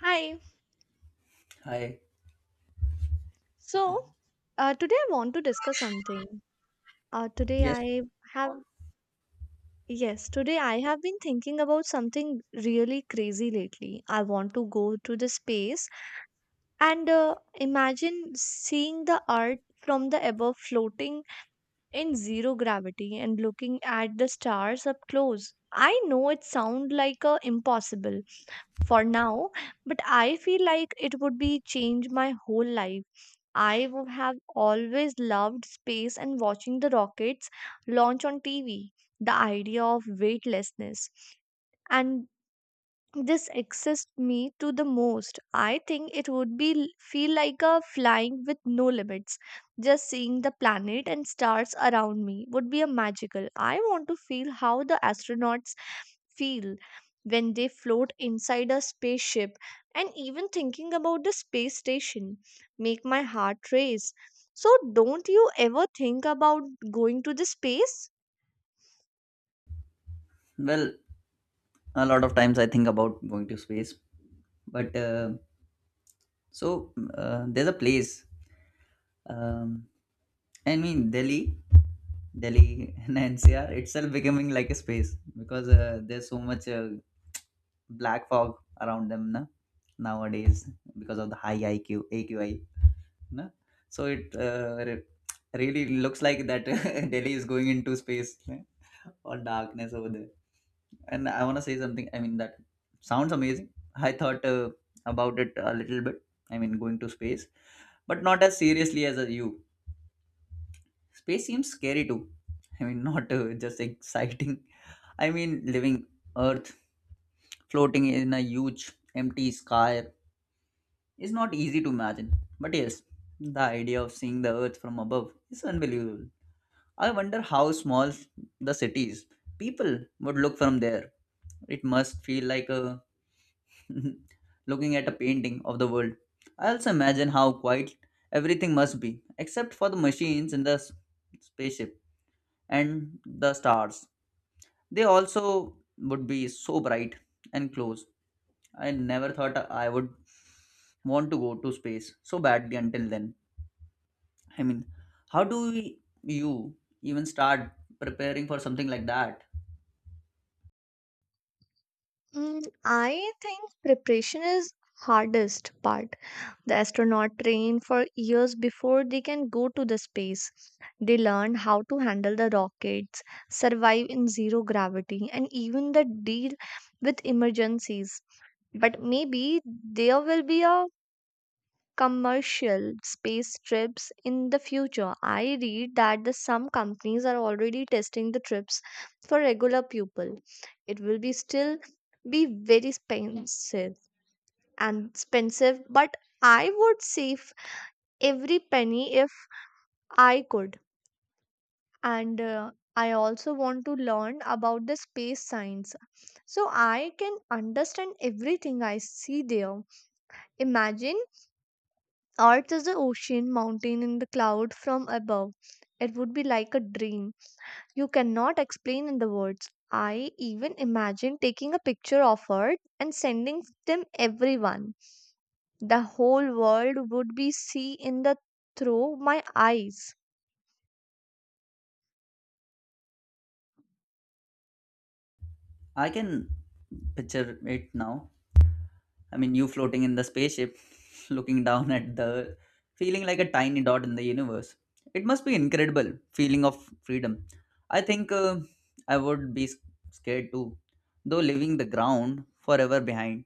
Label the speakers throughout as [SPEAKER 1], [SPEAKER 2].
[SPEAKER 1] Hi.
[SPEAKER 2] Hi.
[SPEAKER 1] So, today I want to discuss something. Uh, today
[SPEAKER 2] Yes.
[SPEAKER 1] I have, yes, today I have been thinking about something really crazy lately. I want to go to the space and imagine seeing the Earth from the above floating in zero gravity and looking at the stars up close. I know it sounds like a impossible for now, but I feel like it would be change my whole life. I would have always loved space and watching the rockets launch on TV. The idea of weightlessness and this exists me to the most. I think it would be feel like a flying with no limits. Just seeing the planet and stars around me would be a magical. I want to feel how the astronauts feel when they float inside a spaceship, and even thinking about the space station make my heart race. So don't you ever think about going to the space?
[SPEAKER 2] Well, a lot of times I think about going to space, but so there's a place. Um, I mean, Delhi and NCR itself becoming like a space because there's so much black fog around them na, nowadays because of the high AQI. No? So it really looks like that. Delhi is going into space eh, or darkness over there. And I want to say something. I mean, that sounds amazing. I thought about it a little bit. I mean, going to space, but not as seriously as you. Space seems scary too. I mean, not just exciting. I mean, living Earth floating in a huge empty sky. It's not easy to imagine, but yes, the idea of seeing the earth from above is unbelievable. I wonder how small the cities people would look from there. It must feel like a looking at a painting of the world. I also imagine how quiet everything must be, except for the machines in the spaceship and the stars. They also would be so bright and close. I never thought I would want to go to space so badly until then. I mean, how do we, you even start preparing for something like that?
[SPEAKER 1] I think preparation is hardest part. The astronaut train for years before they can go to the space. They learn how to handle the rockets, survive in zero gravity, and even the deal with emergencies. But maybe there will be a commercial space trips in the future. I read that the some companies are already testing the trips for regular people. It will be still be very expensive and expensive, but I would save every penny if I could. And I also want to learn about the space science so I can understand everything I see there. Imagine Earth is an ocean mountain in the cloud from above. It would be like a dream. You cannot explain in the words. I even imagine taking a picture of Earth and sending them everyone. The whole world would be see in the through my eyes.
[SPEAKER 2] I can picture it now. I mean, you floating in the spaceship, looking down at the, feeling like a tiny dot in the universe. It must be incredible feeling of freedom. I think I would be scared too, though leaving the ground forever behind.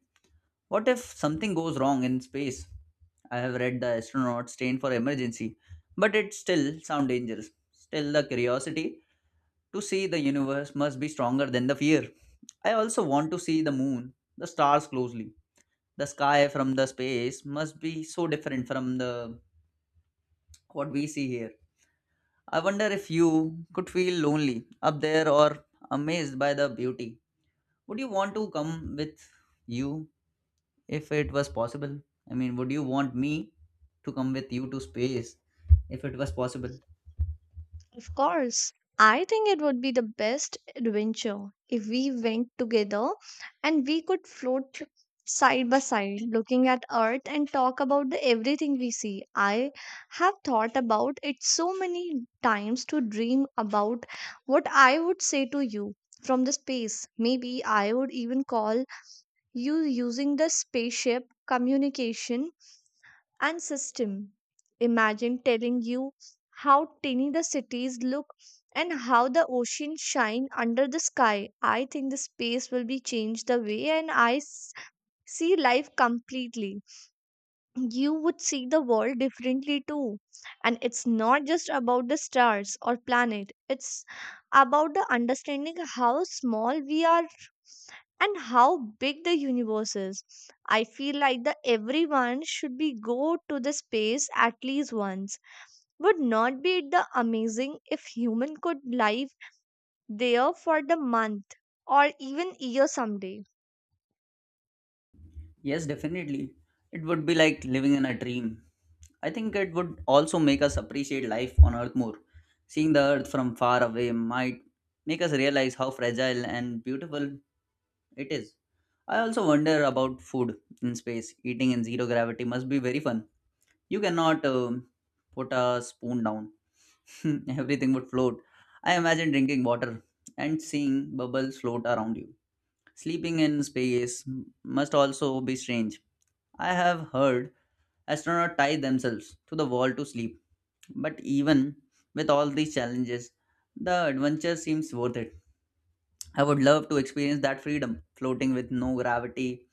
[SPEAKER 2] What if something goes wrong in space? I have read the astronaut train for emergency, but it still sounds dangerous. Still, the curiosity to see the universe must be stronger than the fear. I also want to see the moon, the stars closely. The sky from the space must be so different from the what we see here. I wonder if you could feel lonely up there or amazed by the beauty. Would you want to come with you if it was possible? I mean, would you want me to come with you to space if it was possible?
[SPEAKER 1] Of course, I think it would be the best adventure if we went together, and we could float side by side looking at earth and talk about the everything we see. I have thought about it so many times to dream about what I would say to you from the space. Maybe I would even call you using the spaceship communication and system. Imagine telling you how tiny the cities look and how the ocean shine under the sky. I think the space will be changed the way, and I see life completely. You would see the world differently too, and it's not just about the stars or planet, it's about the understanding how small we are and how big the universe is. I feel like the everyone should be go to the space at least once. Would not be it the amazing if human could live there for the month or even year someday?
[SPEAKER 2] Yes, definitely. It would be like living in a dream. I think it would also make us appreciate life on Earth more. Seeing the Earth from far away might make us realize how fragile and beautiful it is. I also wonder about food in space. Eating in zero gravity must be very fun. You cannot put a spoon down, everything would float. I imagine drinking water and seeing bubbles float around you. Sleeping in space must also be strange. I have heard astronauts tie themselves to the wall to sleep. But even with all these challenges, the adventure seems worth it. I would love to experience that freedom, floating with no gravity.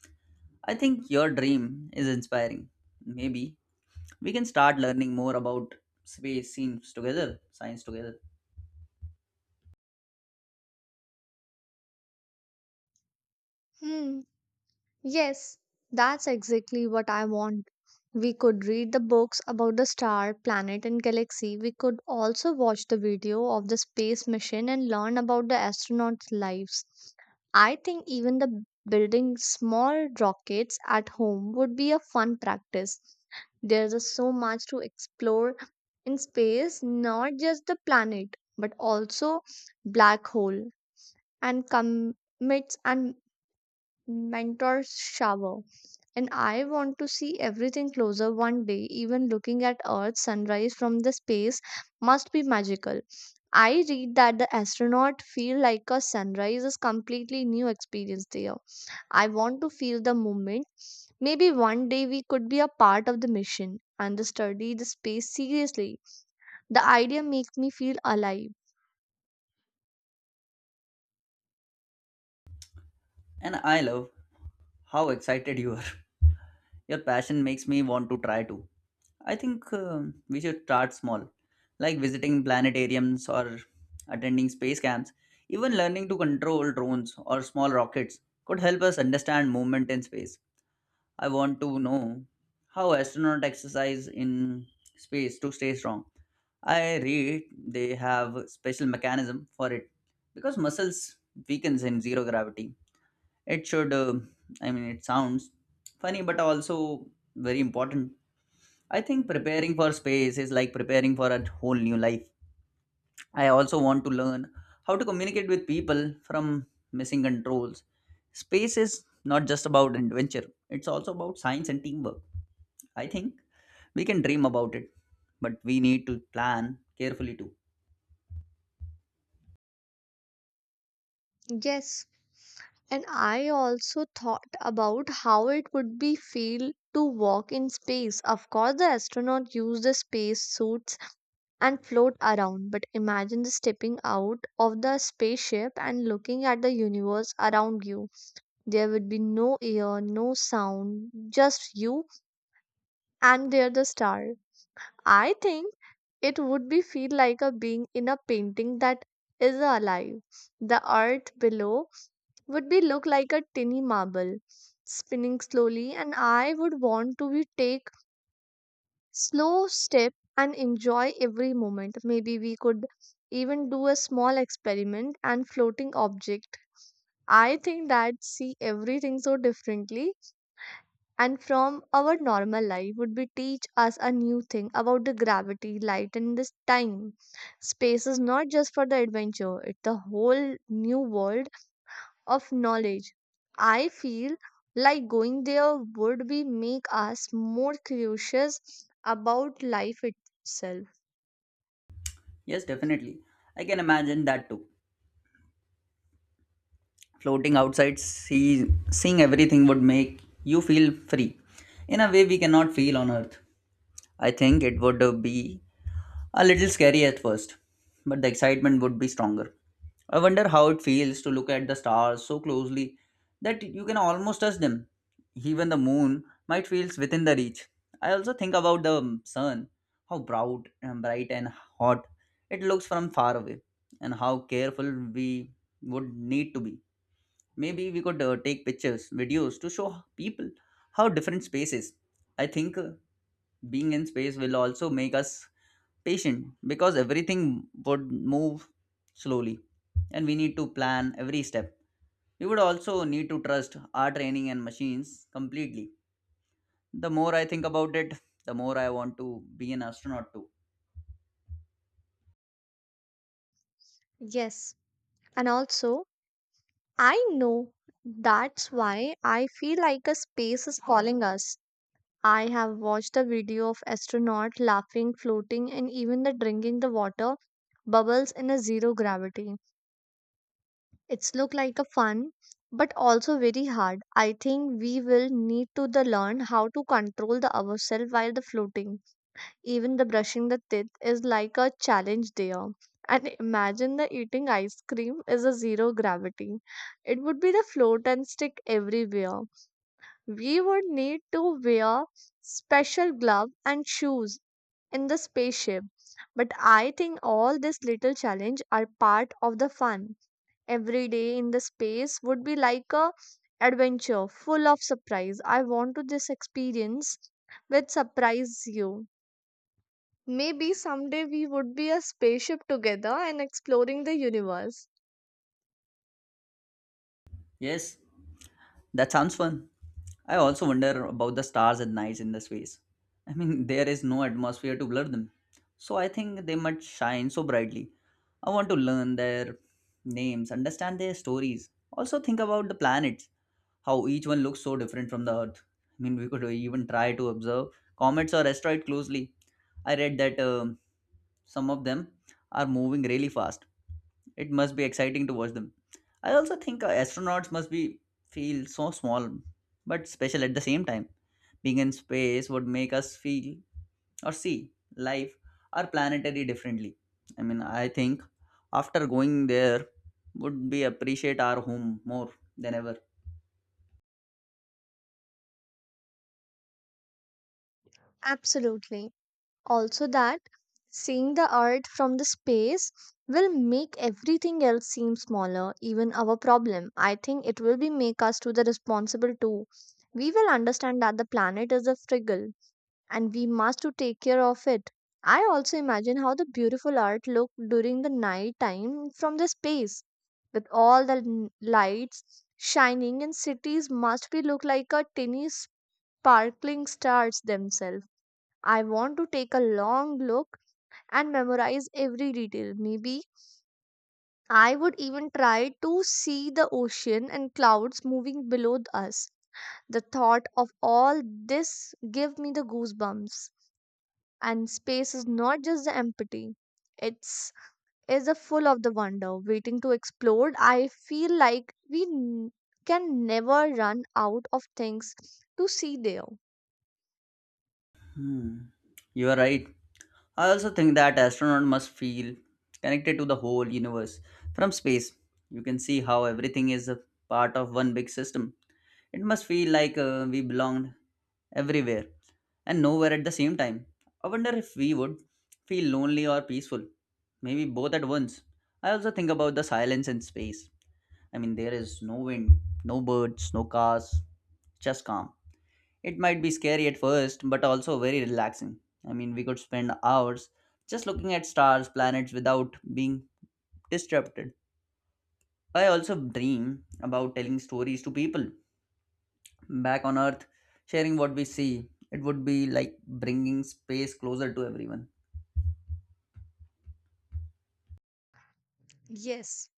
[SPEAKER 2] I think your dream is inspiring. Maybe we can start learning more about space scenes together, science together.
[SPEAKER 1] Hmm. Yes, that's exactly what I want. We could read the books about the star, planet, and galaxy. We could also watch the video of the space mission and learn about the astronauts' lives. I think even the building small rockets at home would be a fun practice. There's just so much to explore in space, not just the planet, but also black hole and comets and mentor's shower. And I want to see everything closer one day. Even looking at Earth's sunrise from the space must be magical. I read that the astronaut feel like a sunrise is completely new experience there. I want to feel the moment. Maybe one day we could be a part of the mission and study the space seriously. The idea makes me feel alive.
[SPEAKER 2] And I love how excited you are. Your passion makes me want to try too. I think we should start small, like visiting planetariums or attending space camps. Even learning to control drones or small rockets could help us understand movement in space. I want to know how astronauts exercise in space to stay strong. I read they have special mechanism for it because muscles weakens in zero gravity. It should, uh, I mean, it sounds funny but also very important. I think preparing for space is like preparing for a whole new life. I also want to learn how to communicate with people from missing controls. Space is not just about adventure, it's also about science and teamwork. I think we can dream about it, but we need to plan carefully too.
[SPEAKER 1] Yes, and I also thought about how it would be feel to walk in space. Of course, the astronaut use the space suits and float around, but imagine the stepping out of the spaceship and looking at the universe around you. There would be no air, no sound, just you and there the star. I think it would be feel like a being in a painting that is alive. The earth below would be look like a tiny marble spinning slowly, and I would want to be take slow step and enjoy every moment. Maybe we could even do a small experiment and floating object. I think that see everything so differently and from our normal life would be teach us a new thing about the gravity light, and this time space is not just for the adventure, it's the whole new world of knowledge. I feel like going there would be make us more curious about life itself.
[SPEAKER 2] Yes, definitely. I can imagine that too. Floating outside, seeing everything would make you feel free in a way we cannot feel on earth. I think it would be a little scary at first, but the excitement would be stronger. I wonder how it feels to look at the stars so closely that you can almost touch them. Even the moon might feel within the reach. I also think about the sun, how bright and hot it looks from far away, and how careful we would need to be. Maybe we could take pictures, videos to show people how different space is. I think being in space will also make us patient because everything would move slowly and we need to plan every step. We would also need to trust our training and machines completely. The more I think about it, the more I want to be an astronaut too.
[SPEAKER 1] Yes, and also I know that's why I feel like a space is calling us. I have watched a video of astronaut laughing, floating, and even the drinking the water bubbles in a zero gravity. It's look like a fun but also very hard. I think we will need to the learn how to control the ourselves while the floating. Even the brushing the teeth is like a challenge there. And imagine the eating ice cream is a zero gravity. It would be the float and stick everywhere. We would need to wear special glove and shoes in the spaceship. But I think all this little challenge are part of the fun. Every day in the space would be like a adventure full of surprise. I want to this experience which surprise you. Maybe someday we would be a spaceship together and exploring the universe.
[SPEAKER 2] Yes, that sounds fun. I also wonder about the stars at night in the space. I mean, there is no atmosphere to blur them, so I think they must shine so brightly. I want to learn their names, understand their stories. Also think about the planets, how each one looks so different from the Earth. I mean, we could even try to observe comets or asteroids closely. I read that some of them are moving really fast. It must be exciting to watch them. I also think astronauts must be feel so small but special at the same time. Being in space would make us feel or see life or planetary differently. I mean, I think after going there would be appreciate our home more than ever.
[SPEAKER 1] Absolutely. Also that seeing the earth from the space will make everything else seem smaller, even our problem. I think it will be make us to the responsible too. We will understand that the planet is a fragile and we must to take care of it. I also imagine how the beautiful art looked during the night time from the space with all the lights shining, and cities must be look like a tiny sparkling stars themselves. I want to take a long look and memorize every detail. Maybe I would even try to see the ocean and clouds moving below us. The thought of all this give me the goosebumps. And space is not just the empty, it's is a full of the wonder waiting to explode. I feel like we can never run out of things to see there.
[SPEAKER 2] Hmm. You are right. I also think that astronauts must feel connected to the whole universe from space. You can see how everything is a part of one big system. It must feel like we belong everywhere and nowhere at the same time. I wonder if we would feel lonely or peaceful, maybe both at once. I also think about the silence in space. I mean, there is no wind, no birds, no cars, just calm. It might be scary at first, but also very relaxing. I mean, we could spend hours just looking at stars, planets without being disrupted. I also dream about telling stories to people back on Earth, sharing what we see. It would be like bringing space closer to everyone.
[SPEAKER 1] Yes,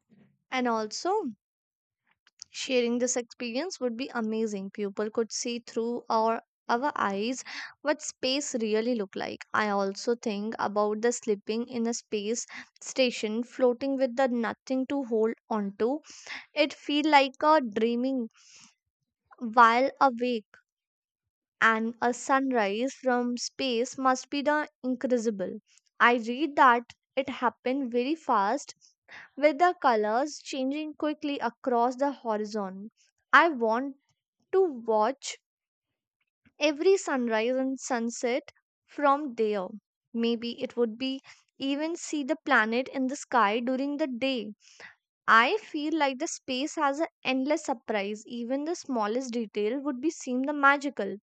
[SPEAKER 1] and also sharing this experience would be amazing. People could see through our eyes what space really look like. I also think about the sleeping in a space station floating with the nothing to hold onto. It feel like a dreaming while awake. And a sunrise from space must be the incredible. I read that it happened very fast with the colors changing quickly across the horizon. I want to watch every sunrise and sunset from there. Maybe it would be even see the planet in the sky during the day. I feel like the space has an endless surprise. Even the smallest detail would be seem the magical.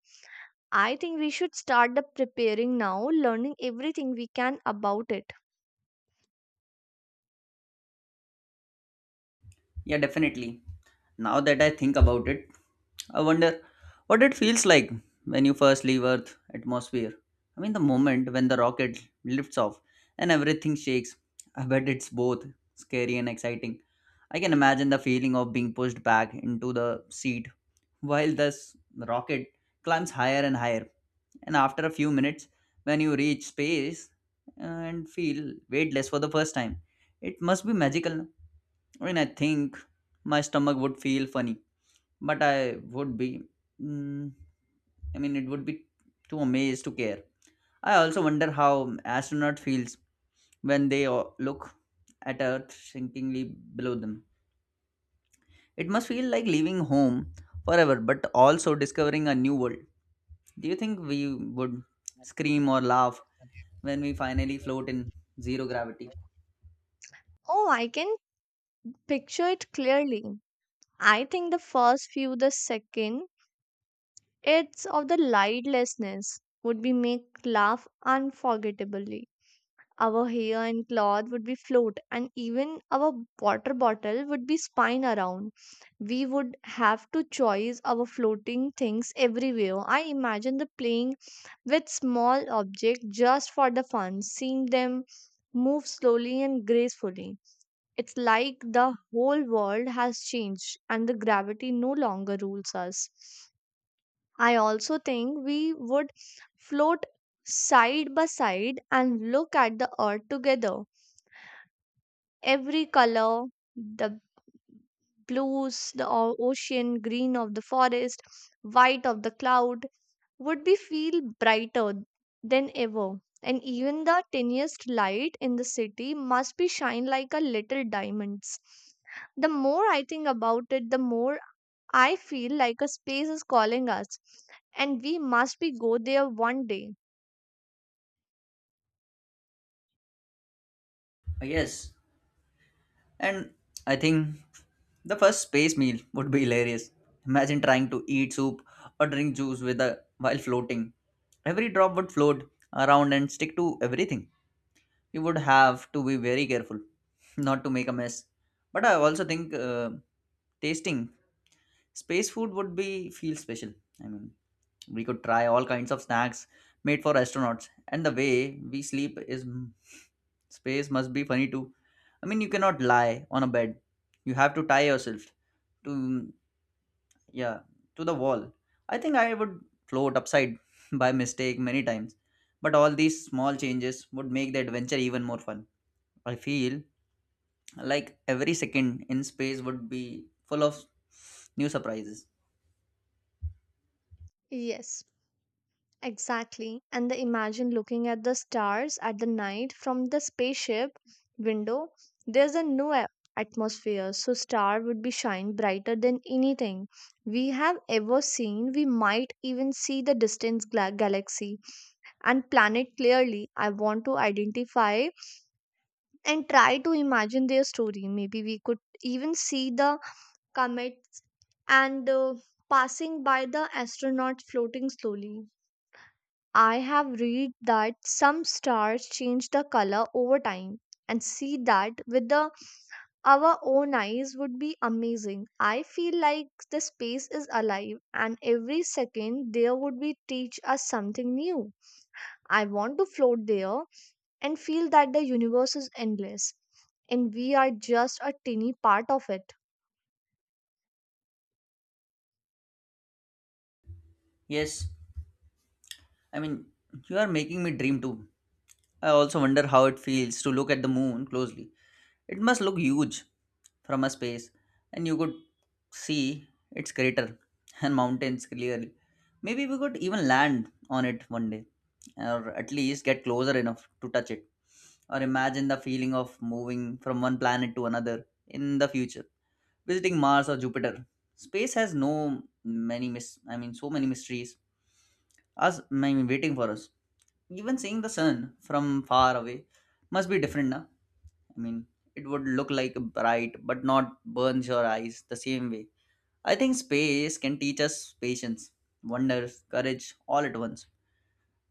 [SPEAKER 1] I think we should start the preparing now, learning everything we can about it.
[SPEAKER 2] Yeah, definitely. Now that I think about it, I wonder what it feels like when you first leave Earth atmosphere. I mean, the moment when the rocket lifts off and everything shakes, I bet it's both scary and exciting. I can imagine the feeling of being pushed back into the seat while this rocket climbs higher and higher. And after a few minutes, when you reach space and feel weightless for the first time, it must be magical. I mean, I think my stomach would feel funny, but I would be. mm, I mean, it would be too amazed to care. I also wonder how astronaut feels when they o- look at Earth sinkingly below them. It must feel like leaving home forever, but also discovering a new world. Do you think we would scream or laugh when we finally float in zero gravity?
[SPEAKER 1] Oh, I can picture it clearly. I think the first few, the second, it's of the lightlessness would be make laugh unforgettably. Our hair and cloth would be float, and even our water bottle would be spin around. We would have to choice our floating things everywhere. I imagine the playing with small objects just for the fun, seeing them move slowly and gracefully. It's like the whole world has changed and the gravity no longer rules us. I also think we would float side by side and look at the earth together. Every color, the blues, the ocean, green of the forest, white of the cloud, would be feel brighter than ever, and even the tiniest light in the city must be shine like a little diamonds. The more I think about it, the more I feel like a space is calling us, and we must be go there one day.
[SPEAKER 2] Yes, and I think the first space meal would be hilarious. Imagine trying to eat soup or drink juice with a while floating. Every drop would float around and stick to everything. You would have to be very careful not to make a mess. But I also think tasting space food would be feel special. I mean, we could try all kinds of snacks made for astronauts, and the way we sleep is space must be funny too. I mean, you cannot lie on a bed. You have to tie yourself to yeah to the wall. I think I would float upside by mistake many times, but all these small changes would make the adventure even more fun. I feel like every second in space would be full of new surprises.
[SPEAKER 1] Yes. Exactly. And the imagine looking at the stars at the night from the spaceship window. There's a no atmosphere, so star would be shine brighter than anything we have ever seen. We might even see the distant galaxy and planet clearly. I want to identify and try to imagine their story. Maybe we could even see the comets and passing by the astronaut floating slowly. I have read that some stars change the color over time, and see that with the our own eyes would be amazing. I feel like the space is alive and every second there would be teach us something new. I want to float there and feel that the universe is endless and we are just a tiny part of it.
[SPEAKER 2] Yes, I mean you are making me dream too. I also wonder how it feels to look at the moon closely. It must look huge from a space, and you could see its crater and mountains clearly. Maybe we could even land on it one day, or at least get closer enough to touch it, or imagine the feeling of moving from one planet to another in the future, visiting Mars or Jupiter. Space has no many mis- I mean so many mysteries us I mean, waiting for us. Even seeing the sun from far away must be different now. I mean, it would look like bright but not burns your eyes the same way. I think space can teach us patience, wonder, courage all at once.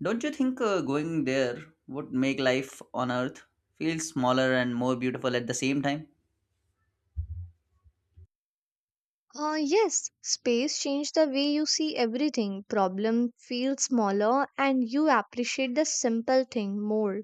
[SPEAKER 2] Don't you think going there would make life on Earth feel smaller and more beautiful at the same time?
[SPEAKER 1] Yes, space changed the way you see everything. Problem feels smaller and you appreciate the simple thing more.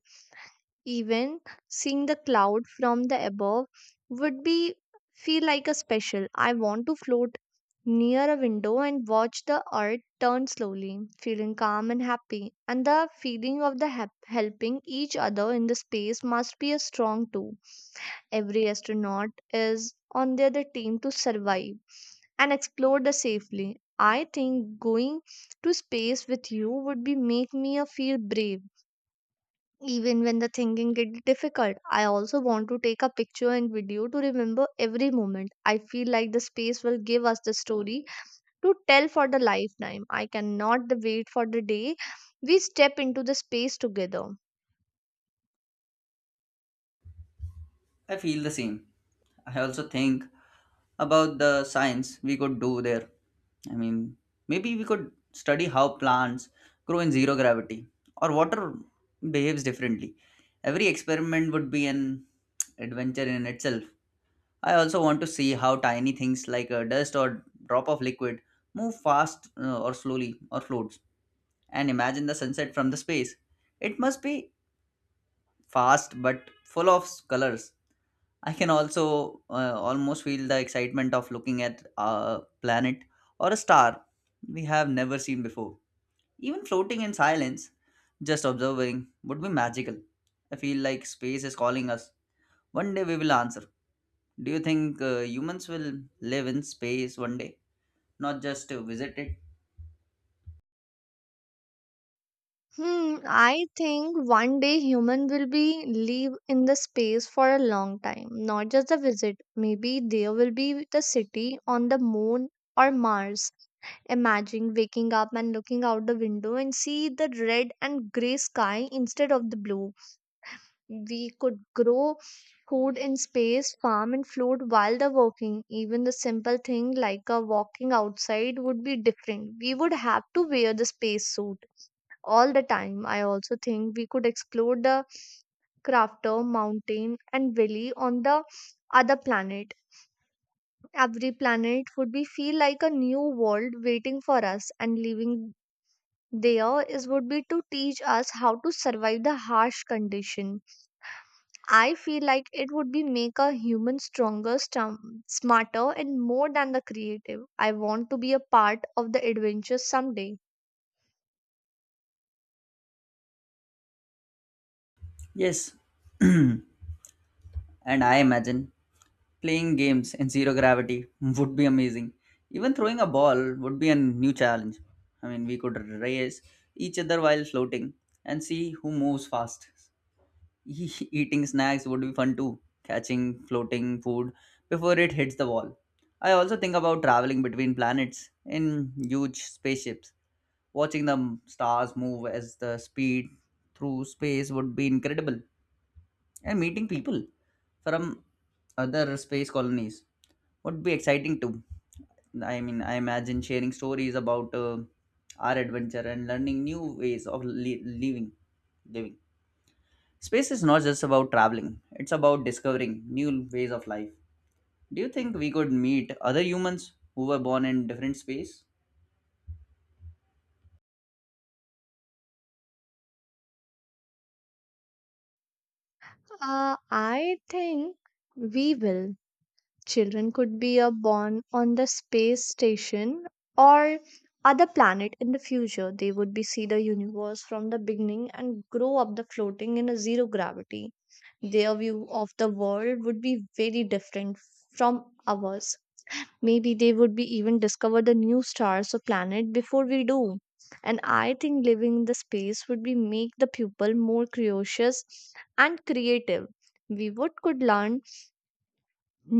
[SPEAKER 1] Even seeing the cloud from the above would be feel like a special. I want to float near a window and watch the earth turn slowly, feeling calm and happy. And the feeling of the hap helping each other in the space must be a strong too. Every astronaut is on the team to survive and explore the safely. I think going to space with you would be make me a feel brave even when the thinking gets difficult. I also want to take a picture and video to remember every moment. I feel like the space will give us the story to tell for the lifetime. I cannot the wait for the day we step into the space together.
[SPEAKER 2] I feel the same. I also think about the science we could do there. I mean, maybe we could study how plants grow in zero gravity or water behaves differently. Every experiment would be an adventure in itself. I also want to see how tiny things like a dust or drop of liquid move fast or slowly or floats and imagine the sunset from the space. It must be fast but full of colors. I can also almost feel the excitement of looking at a planet or a star we have never seen before. Even floating in silence, just observing would be magical. I feel like space is calling us. One day we will answer. Do you think humans will live in space one day, not just to visit it?
[SPEAKER 1] Hmm, I think one day human will be live in the space for a long time, not just a visit. Maybe there will be the city on the moon or Mars. Imagine waking up and looking out the window and see the red and gray sky instead of the blue. We could grow food in space, farm and float while they're working. Even the simple thing like a walking outside would be different. We would have to wear the space suit all the time. I also think we could explore the crafter mountain, and valley on the other planet. Every planet would be feel like a new world waiting for us, and living there is would be to teach us how to survive the harsh condition. I feel like it would be make a human stronger, smarter, and more than the creative. I want to be a part of the adventure someday.
[SPEAKER 2] Yes. And I imagine playing games in zero gravity would be amazing. Even throwing a ball would be a new challenge. I mean, we could race each other while floating and see who moves fast. Eating snacks would be fun too, catching floating food before it hits the wall. I also think about traveling between planets in huge spaceships. Watching the stars move as the speed through space would be incredible, and meeting people from other space colonies would be exciting too. I mean, I imagine sharing stories about our adventure and learning new ways of living. Living. Space is not just about traveling; it's about discovering new ways of life. Do you think we could meet other humans who were born in different space?
[SPEAKER 1] I think we will. Children could be a born on the space station or other planet in the future. They would be see the universe from the beginning and grow up the floating in a zero gravity. Their view of the world would be very different from ours. Maybe they would be even discover the new stars or planet before we do. And I think living in the space would be make the pupil more curious and creative. We would could learn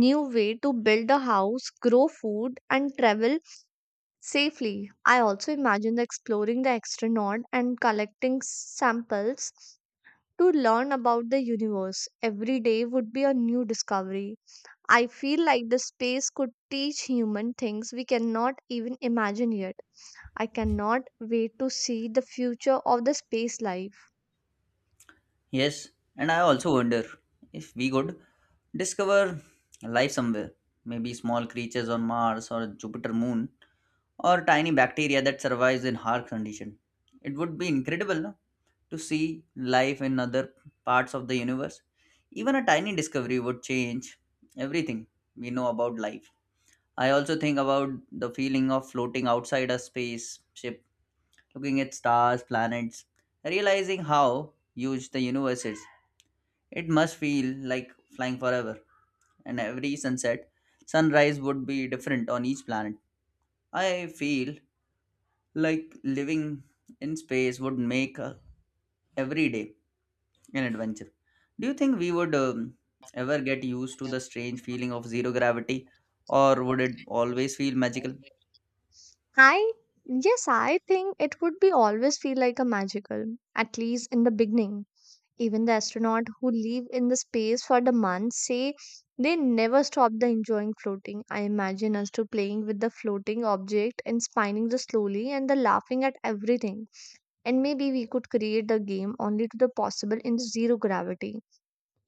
[SPEAKER 1] new way to build a house, grow food, and travel safely. I also imagine the exploring the extronaut and collecting samples to learn about the universe. Every day would be a new discovery. I feel like the space could teach human things we cannot even imagine yet. I cannot wait to see the future of the space life.
[SPEAKER 2] Yes, and I also wonder if we could discover life somewhere. Maybe small creatures on Mars or Jupiter moon, or tiny bacteria that survives in harsh condition. It would be incredible, no? To see life in other parts of the universe. Even a tiny discovery would change everything we know about life. I also think about the feeling of floating outside a spaceship, looking at stars, planets, realizing how huge the universe is. It must feel like flying forever, and every sunset, sunrise would be different on each planet. I feel like living in space would make every day an adventure. Do you think we would ever get used to the strange feeling of zero gravity, or would it always feel magical?
[SPEAKER 1] I Yes, I think it would be always feel like a magical, at least in the beginning. Even the astronauts who live in the space for the months say they never stop the enjoying floating. I imagine us to playing with the floating object and spinning the slowly and the laughing at everything. And maybe we could create the game only to the possible in zero gravity.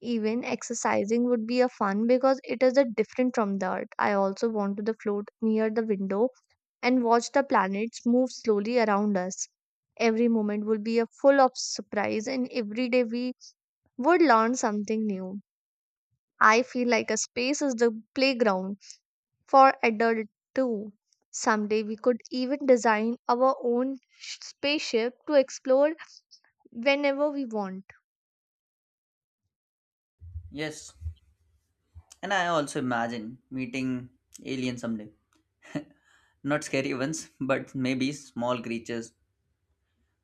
[SPEAKER 1] Even exercising would be a fun because it is a different from the earth. I also want to the float near the window and watch the planets move slowly around us. Every moment will be a full of surprise, and every day we would learn something new. I feel like a space is the playground for adult too. Someday we could even design our own spaceship to explore whenever we want.
[SPEAKER 2] Yes, and I also imagine meeting aliens someday. Not scary ones, but maybe small creatures.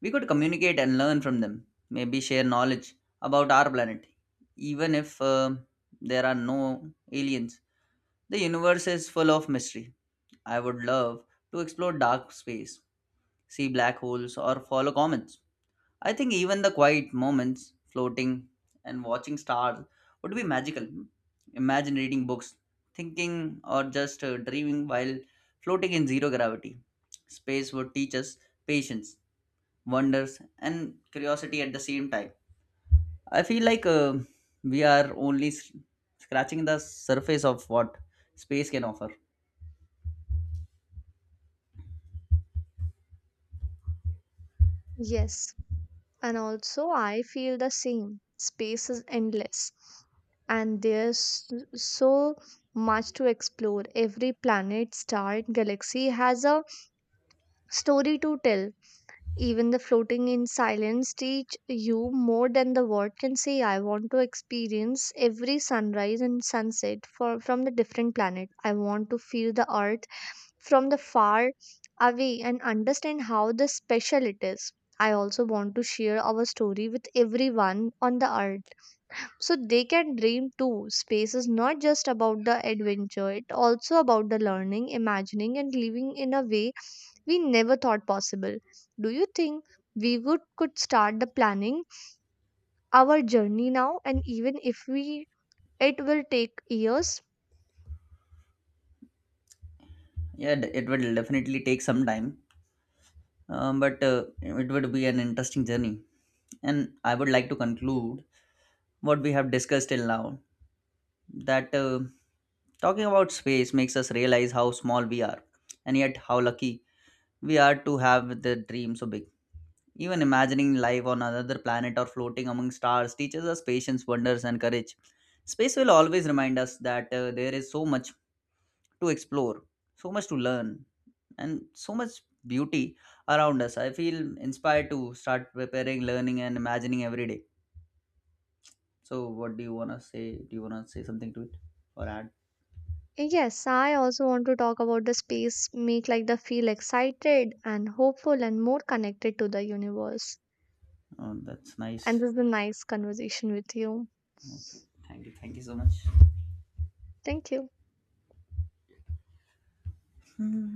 [SPEAKER 2] We could communicate and learn from them, maybe share knowledge about our planet. Even if there are no aliens, the universe is full of mystery. I would love to explore dark space, see black holes, or follow comets. I think even the quiet moments, floating and watching stars, would be magical. Imagine reading books, thinking, or just dreaming while floating in zero gravity. Space would teach us patience, wonders, and curiosity at the same time. I feel like we are only scratching the surface of what space can offer.
[SPEAKER 1] Yes, and also I feel the same. Space is endless and there's so much to explore. Every planet, star, and galaxy has a story to tell. Even the floating in silence teach you more than the word can say. I want to experience every sunrise and sunset from the different planet. I want to feel the earth from the far away and understand how the special it is. I also want to share our story with everyone on the earth so they can dream too. Space is not just about the adventure, it also about the learning, imagining and living in a way we never thought possible. Do you think we would could start the planning our journey now, and even if we it will take years?
[SPEAKER 2] Yeah, it will definitely take some time. But it would be an interesting journey. And I would like to conclude what we have discussed till now, that talking about space makes us realize how small we are and yet how lucky we are to have the dream so big. Even imagining life on another planet or floating among stars teaches us patience, wonders, and courage. Space will always remind us that there is so much to explore, so much to learn, and so much beauty around us. I feel inspired to start preparing, learning, and imagining every day. So, what do you want to say? Do you want to say something to it or add?
[SPEAKER 1] Yes, I also want to talk about the space make like the feel excited and hopeful and more connected to the universe.
[SPEAKER 2] Oh, that's
[SPEAKER 1] And
[SPEAKER 2] nice.
[SPEAKER 1] this is a nice conversation with you.
[SPEAKER 2] Okay. Thank you. Thank you so much.
[SPEAKER 1] Thank you.
[SPEAKER 2] Hmm.